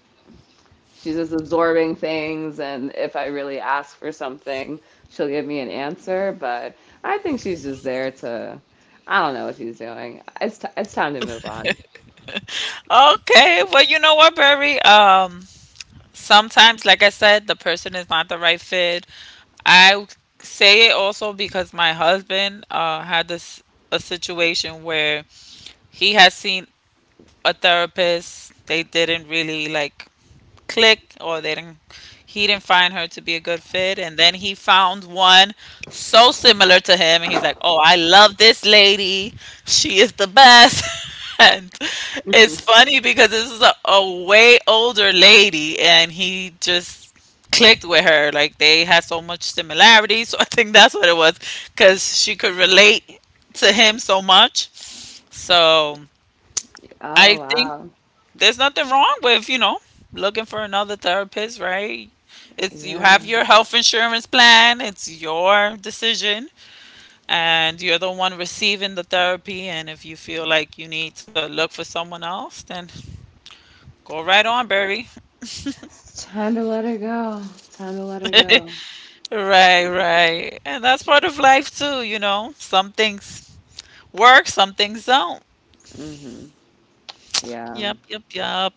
Speaker 2: she's just absorbing things, and if I really ask for something, she'll give me an answer, but I think she's just there to I don't know what she's doing. It's time to move on.
Speaker 1: Okay. Well, you know what, Burby? Sometimes, like I said, the person is not the right fit. I say it also because my husband had this a situation where he has seen a therapist. They didn't really like click, or they didn't, he didn't find her to be a good fit, and then he found one so similar to him, and he's like, oh, I love this lady, she is the best. And it's funny because this is a way older lady, and he just clicked with her. Like they had so much similarity, so I think that's what it was, because she could relate to him so much. So
Speaker 2: Oh
Speaker 1: I think
Speaker 2: wow.
Speaker 1: there's nothing wrong with, you know, looking for another therapist, right? It's, you
Speaker 2: Yeah.
Speaker 1: have your health insurance plan, it's your decision, and you're the one receiving the therapy, and if you feel like you need to look for someone else, then go right on, Barry.
Speaker 2: It's time to let her go. Time to let her go.
Speaker 1: Right, right. And that's part of life too, you know. Some things work, some things don't.
Speaker 2: Hmm. Yeah.
Speaker 1: Yep, yep, yep.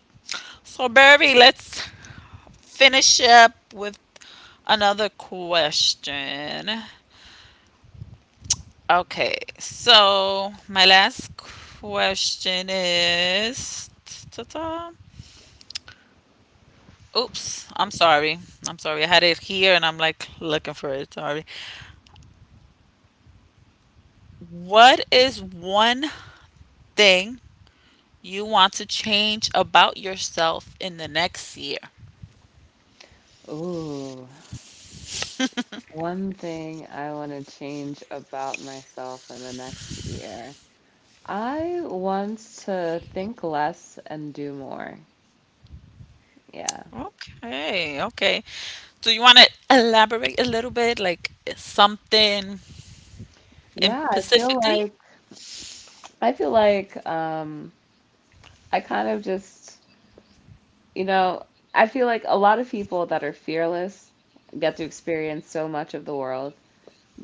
Speaker 1: So Barry, let's finish up with another question. Okay, so my last question is. Ta-ta. Oops, I'm sorry. I'm sorry. I had it here and I'm like looking for it. Sorry. What is one thing you want to change about yourself in the next year?
Speaker 2: Ooh. One thing I want to change about myself in the next year. I want to think less and do more. Yeah.
Speaker 1: Okay, okay. Do you want to elaborate a little bit, like something in
Speaker 2: Yeah,
Speaker 1: specifically?
Speaker 2: I feel like, I kind of just, you know, I feel like a lot of people that are fearless get to experience so much of the world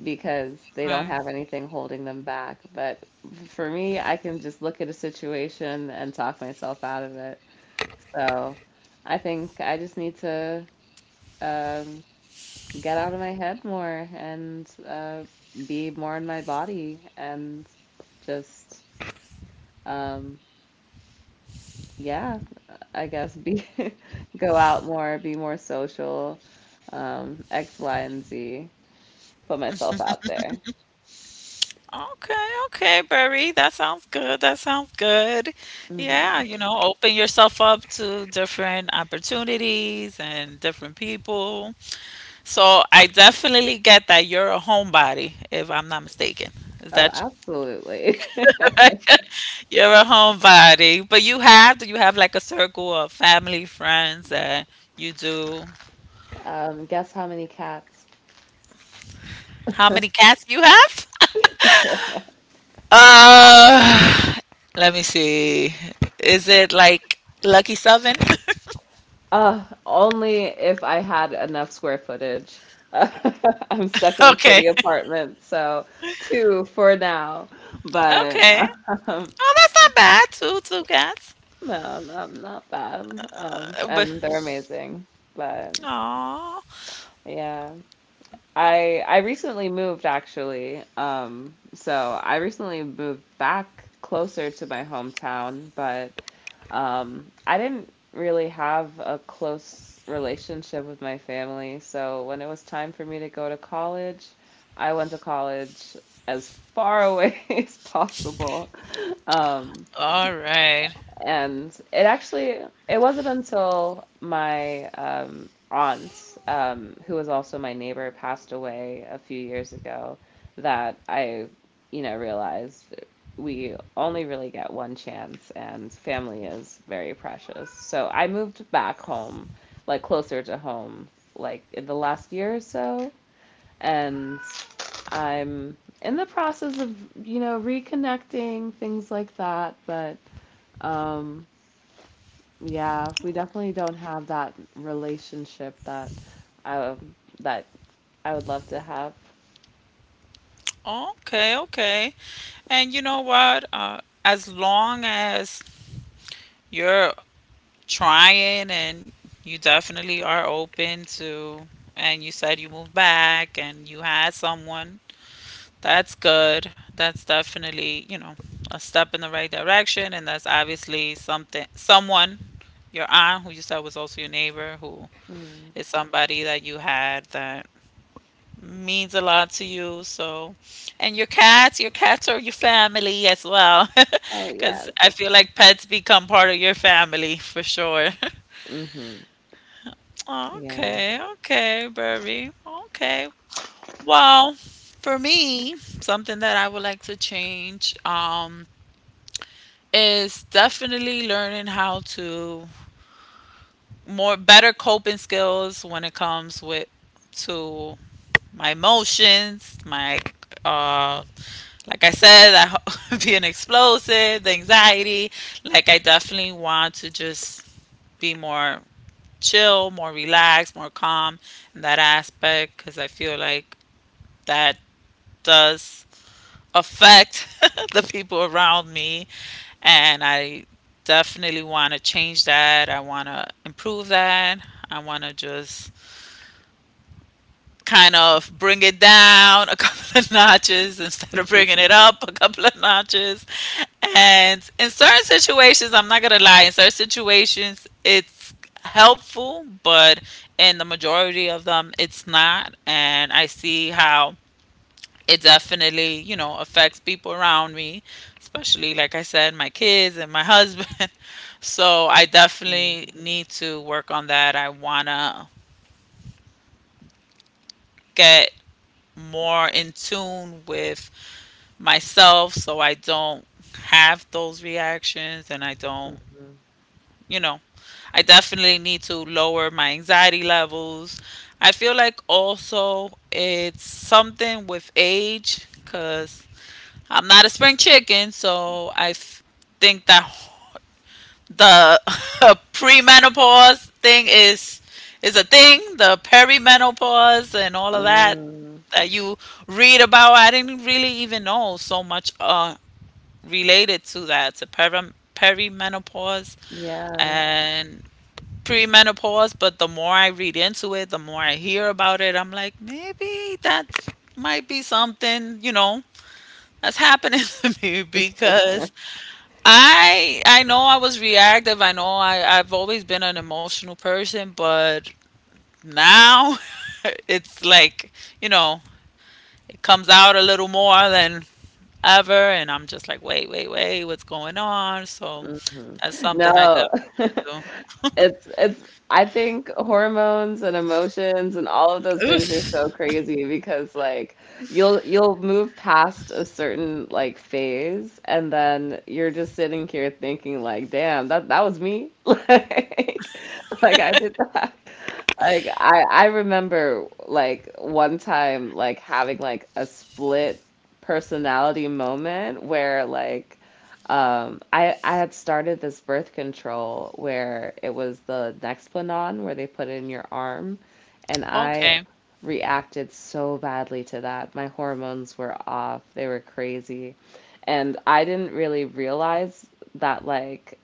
Speaker 2: because they don't have anything holding them back. But for me, I can just look at a situation and talk myself out of it. So I think I just need to, um, get out of my head more, and be more in my body, and just, um, yeah, I guess be go out more, be more social, X, Y, and Z, put myself out there.
Speaker 1: Okay, okay, Barry. That sounds good. That sounds good. Yeah,
Speaker 2: Hmm.
Speaker 1: you know, open yourself up to different opportunities and different people. So I definitely get that you're a homebody, if I'm not mistaken. Is
Speaker 2: Oh,
Speaker 1: that
Speaker 2: absolutely.
Speaker 1: correct? You're a homebody, but you have, do you have like a circle of family, friends that you do?
Speaker 2: Guess how many cats?
Speaker 1: How many cats you have? Uh, let me see. Is it like Lucky Seven?
Speaker 2: Only if I had enough square footage. I'm stuck in a
Speaker 1: Okay.
Speaker 2: city apartment, so two for now. But
Speaker 1: Okay.
Speaker 2: um,
Speaker 1: Oh, that's not bad. Two cats.
Speaker 2: no, not bad.
Speaker 1: Uh, But
Speaker 2: And they're amazing. But
Speaker 1: oh,
Speaker 2: yeah, I recently moved actually. So I recently moved back closer to my hometown, but. I didn't really have a close relationship with my family, so when it was time for me to go to college, I went to college as far away as possible. Um,
Speaker 1: all right.
Speaker 2: and it actually it wasn't until my, aunt, who was also my neighbor, passed away a few years ago, that I, you know, realized we only really get one chance, and family is very precious. So I moved back home, like closer to home, like in the last year or so, and I'm in the process of, you know, reconnecting, things like that, but um, yeah, we definitely don't have that relationship that that I would love to have.
Speaker 1: Okay, okay. And you know what? As long as you're trying and you definitely are open to, and you said you moved back and you had someone, that's good. That's definitely, you know, a step in the right direction. And that's obviously something, someone, your aunt, who you said was also your neighbor, who
Speaker 2: Mm.
Speaker 1: is somebody that you had, that means a lot to you. So, and your cats are your family as well.
Speaker 2: Oh, yeah.
Speaker 1: Because I feel like pets become part of your family for sure.
Speaker 2: Hmm. Yeah.
Speaker 1: Okay, okay, Burby. Okay. Well, for me, something that I would like to change, is definitely learning how to more better coping skills when it comes with to my emotions, my uh like I said, being explosive, the anxiety. Like I definitely want to just be more chill, more relaxed, more calm in that aspect because I feel like that does affect the people around me and I definitely want to change that. I want to improve that. I want to just kind of bring it down a couple of notches instead of bringing it up a couple of notches. And in certain situations, I'm not going to lie, in certain situations, it's helpful, but in the majority of them, it's not. And I see how it definitely, you know, affects people around me, especially, like I said, my kids and my husband. So I definitely
Speaker 2: Mm.
Speaker 1: need to work on that. I want to get more in tune with myself so I don't have those reactions, and I don't,
Speaker 2: Hmm.
Speaker 1: you know, I definitely need to lower my anxiety levels. I feel like also it's something with age because I'm not a spring chicken, so think that the premenopause thing is a thing. The perimenopause and all of that
Speaker 2: Mm.
Speaker 1: that you read about, I didn't really even know so much related to that, to perimenopause
Speaker 2: Yeah.
Speaker 1: and premenopause. But the more I read into it, the more I hear about it, I'm like, maybe that might be something, you know, that's happening to me. Because I know I was reactive. I know I've always been an emotional person, but now it's like, you know, it comes out a little more than ever, and I'm just like, "Wait, wait, wait, what's going on?" So
Speaker 2: Hmm.
Speaker 1: that's something I definitely
Speaker 2: No.
Speaker 1: want
Speaker 2: It's I think hormones and emotions and all of those
Speaker 1: to do.
Speaker 2: things are so
Speaker 1: Oof.
Speaker 2: crazy because like you'll move past a certain like phase, and then you're just sitting here thinking like, damn, that was me. Like like I did that. Like I remember like one time like having like a split personality moment where like, um I had started this birth control where it was the Nexplanon where they put it in your arm, and I
Speaker 1: Okay.
Speaker 2: reacted so badly to that. My hormones were off. They were crazy. And I didn't really realize that like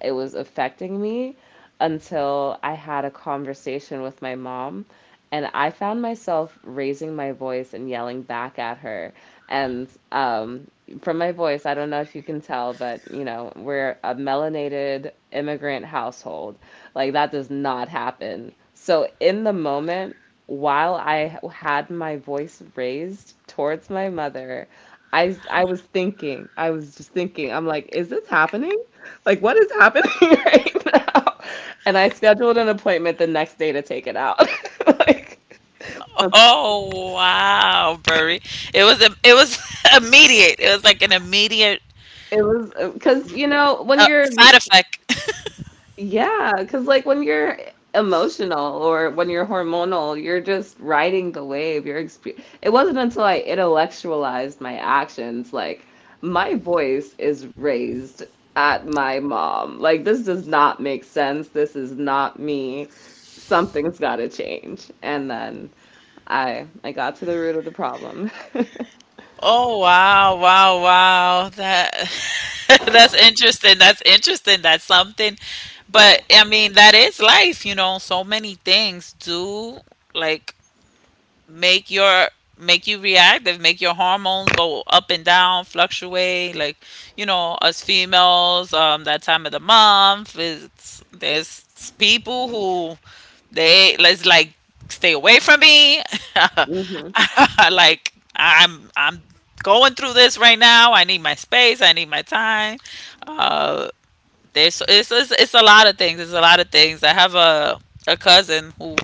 Speaker 2: it was affecting me until I had a conversation with my mom. And I found myself raising my voice and yelling back at her. And from my voice, I don't know if you can tell, but you know, we're a melanated immigrant household. Like that does not happen. So in the moment, while I had my voice raised towards my mother, I was thinking, I was just thinking, I'm like, is this happening? Like what is happening right now? And I scheduled an appointment the next day to take it out. Like that's
Speaker 1: Oh, wow, Burry. It was immediate. It was like an immediate
Speaker 2: it was because you know when you're
Speaker 1: side effect.
Speaker 2: yeah, because like when you're emotional or when you're hormonal, you're just riding the wave. You're exp it wasn't until I intellectualized my actions, like my voice is raised at my mom. Like this does not make sense. This is not me. Something's got to change. And then I got to the root of the problem.
Speaker 1: Oh wow, wow, wow. That that's interesting. That's interesting. That's something. But I mean, that is life, you know. So many things do, like make your make you reactive, make your hormones go up and down, fluctuate. Us females, that time of the month, is there's people who, they let's like stay away from me.
Speaker 2: Hmm.
Speaker 1: I'm going through this right now. I need my space. I need my time. Uh, it's a lot of things. It's a lot of things. I have a cousin who,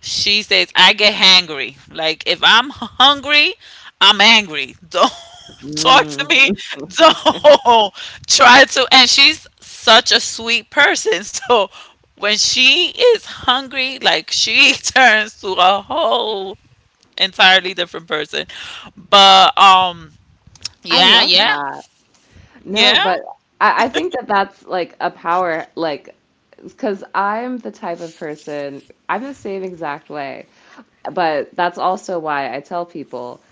Speaker 1: she says, I get hangry. Like, if I'm hungry, I'm angry. Don't talk to me.
Speaker 2: Mm.
Speaker 1: Don't try to. And she's such a sweet person. So when she is hungry, like, she turns to a whole entirely different person. But,
Speaker 2: I
Speaker 1: yeah,
Speaker 2: love
Speaker 1: yeah,
Speaker 2: that. No,
Speaker 1: yeah.
Speaker 2: but I think that that's like a power, like, because I'm the type of person, I'm the same exact way. But that's also why I tell people.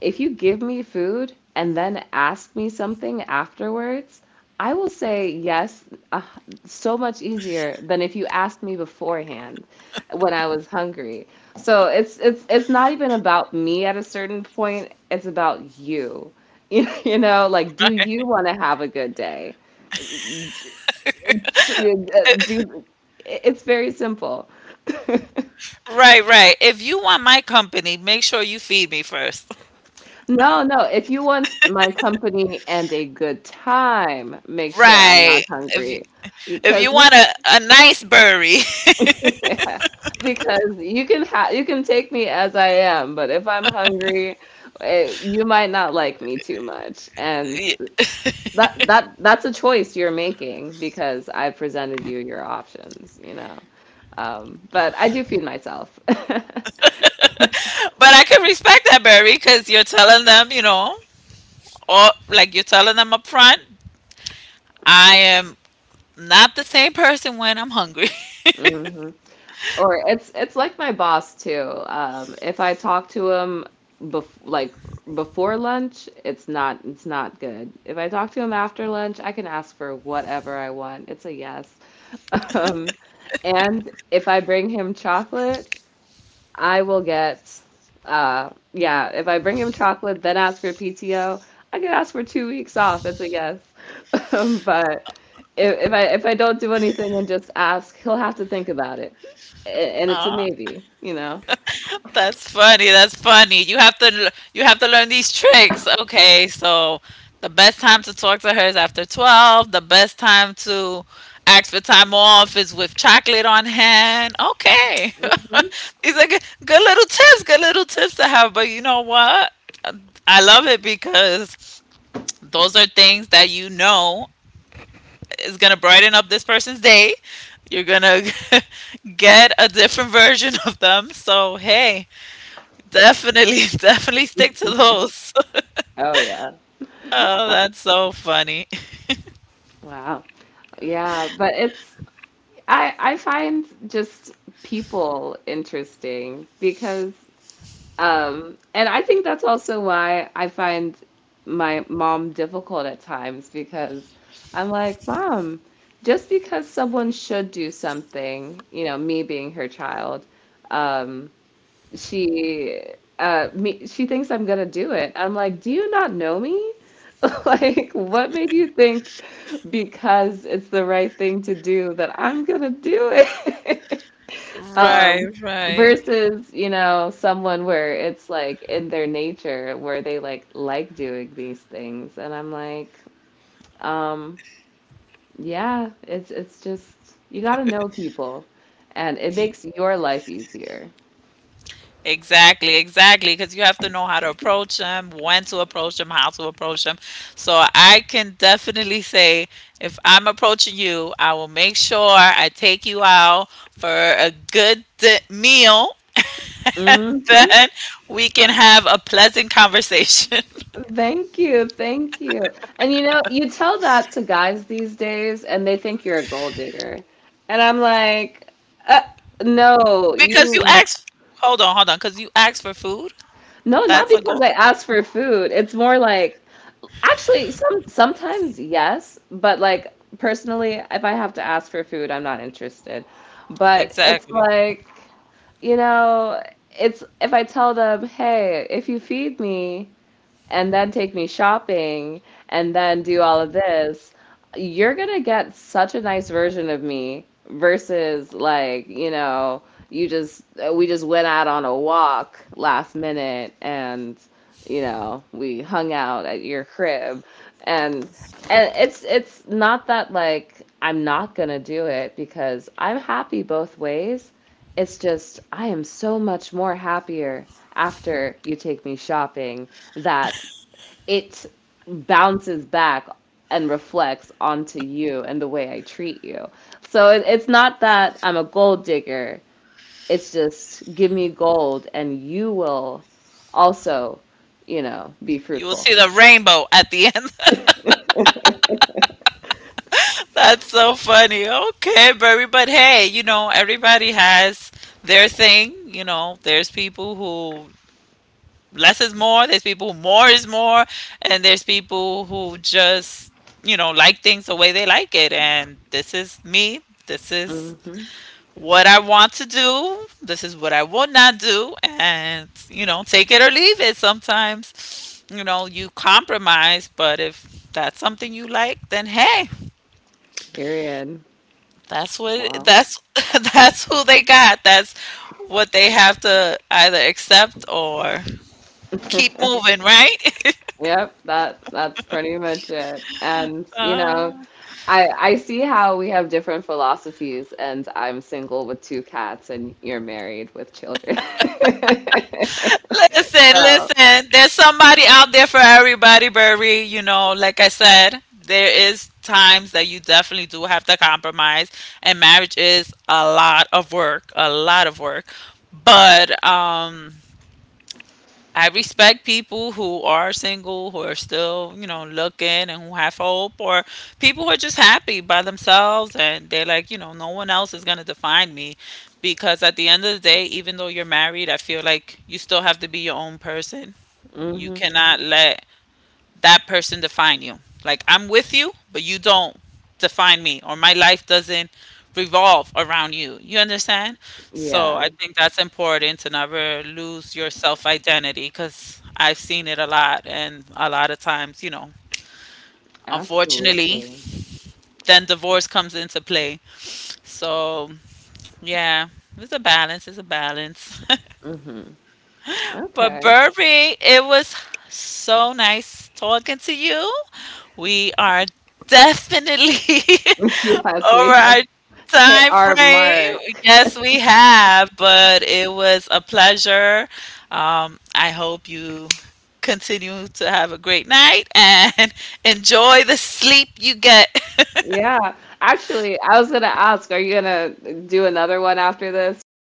Speaker 2: If you give me food and then ask me something afterwards, I will say yes, uh, so much easier than if you asked me beforehand when I was hungry. So it's not even about me at a certain point, it's about you. You know, like, do you want to have a good day? It's- Do It's very simple.
Speaker 1: Right, right. If you want my company, make sure you feed me first.
Speaker 2: No, no. If you want my company and a good time, make sure I'm
Speaker 1: Right.
Speaker 2: not
Speaker 1: If you,
Speaker 2: hungry.
Speaker 1: if you
Speaker 2: Because we
Speaker 1: want a nice burry,
Speaker 2: Yeah, because you can take me as I am, but if I'm hungry, you might not like me too much. And that's a choice you're making because I presented you your options, you know. But I do feed myself.
Speaker 1: but I can respect that, Barry, because you're telling them, you know, or like you're telling them up front, I am not the same person when I'm hungry.
Speaker 2: Mhm. Or it's like my boss too. If I talk to him bef like before lunch, it's not good. If I talk to him after lunch, I can ask for whatever I want. It's a yes. Um, and if I bring him chocolate, I will get, yeah, if I bring him chocolate, then ask for PTO, I could ask for 2 weeks off. That's a yes. But if I don't do anything and just ask, he'll have to think about it. And it's a
Speaker 1: Ah,
Speaker 2: maybe, you know?
Speaker 1: that's funny. That's funny. You have to you have to learn these tricks. Okay, so the best time to talk to her is after 12. The best time to ask for time off is with chocolate on hand. Okay.
Speaker 2: Hmm.
Speaker 1: These are good, good little tips to have, but you know what? I love it because those are things that you know is going to brighten up this person's day. You're going to get a different version of them. So, hey, definitely, definitely stick to those.
Speaker 2: Oh yeah.
Speaker 1: Oh, that's so funny.
Speaker 2: Wow. Yeah, but it's I find just people interesting because… And I think that's also why I find my mom difficult at times because I'm like, Mom, just because someone should do something, you know, me being her child, um, she she thinks I'm gonna do it. I'm like, do you not know me? Like, what made you think because it's the right thing to do that I'm gonna do it?
Speaker 1: Right,
Speaker 2: Um,
Speaker 1: right.
Speaker 2: Versus, you know, someone where it's like in their nature where they like doing these things. And I'm like, um, yeah, it's just you gotta know people and it makes your life easier.
Speaker 1: Exactly, exactly, because you have to know how to approach them, when to approach them, how to approach them. So I can definitely say, if I'm approaching you, I will make sure I take you out for a good meal.
Speaker 2: Hmm.
Speaker 1: Then we can have a pleasant conversation.
Speaker 2: Thank you. Thank you. And you know, you tell that to guys these days and they think you're a gold digger. And I'm like, uh, no,
Speaker 1: Because you
Speaker 2: you,
Speaker 1: asked, hold on, hold on, because you asked for food.
Speaker 2: no, not
Speaker 1: That's a
Speaker 2: because
Speaker 1: goal.
Speaker 2: I asked for food. It's more like, actually, sometimes yes, but like personally, if I have to ask for food, I'm not interested. But it's
Speaker 1: Exactly.
Speaker 2: like, you know, it's if I tell them, hey, if you feed me, and then take me shopping and then do all of this, you're gonna get such a nice version of me versus like, you know, you just we just went out on a walk last minute and you know, we hung out at your crib and it's not that like I'm not gonna do it because I'm happy both ways. It's just I am so much more happier after you take me shopping that it bounces back and reflects onto you and the way I treat you. So it's not that I'm a gold digger. It's just give me gold and you will also, you know, be
Speaker 1: You will
Speaker 2: fruitful.
Speaker 1: see the rainbow at the end. That's so funny. Okay, Barry, but hey, you know, everybody has their thing. You know, there's people who less is more, there's people who more is more, and there's people who just, you know, like things the way they like it. And this is me. This is
Speaker 2: Hmm.
Speaker 1: what I want to do. This is what I will not do. And, you know, take it or leave it. Sometimes, you know, you compromise, but if that's something you like, then hey,
Speaker 2: Period.
Speaker 1: that's what,
Speaker 2: Wow.
Speaker 1: that's that's who they got. That's what they have to either accept or keep moving, right?
Speaker 2: Yep, that's pretty much it. And you know,
Speaker 1: Uh,
Speaker 2: I see how we have different philosophies and I'm single with two cats and you're married with children.
Speaker 1: Listen,
Speaker 2: So…
Speaker 1: listen. There's somebody out there for everybody, Burry. You know, like I said, there is times that you definitely do have to compromise, and marriage is a lot of work, a lot of work. But I respect people who are single, who are still, you know, looking and who have hope, or people who are just happy by themselves and they're like, you know, no one else is going to define me. Because at the end of the day, even though you're married, I feel like you still have to be your own person. You
Speaker 2: Hmm.
Speaker 1: cannot let that person define you. Like, I'm with you, but you don't define me, or my life doesn't revolve around you. You understand? So
Speaker 2: Yeah,
Speaker 1: I think that's important, to never lose your self identity, because I've seen it a lot, and a lot of times, you know, unfortunately,
Speaker 2: absolutely.
Speaker 1: then divorce comes into play. So yeah, it's a balance. It's a balance.
Speaker 2: Hmm.
Speaker 1: But
Speaker 2: Okay.
Speaker 1: Burby, it was so nice talking to you. We are definitely
Speaker 2: Yes,
Speaker 1: over
Speaker 2: we have
Speaker 1: our
Speaker 2: hit
Speaker 1: time
Speaker 2: our
Speaker 1: frame.
Speaker 2: mark.
Speaker 1: Yes, we have, but it was a pleasure. I hope you continue to have a great night and enjoy the sleep you get.
Speaker 2: Yeah. Actually, I was gonna ask, are you gonna do another one after this or…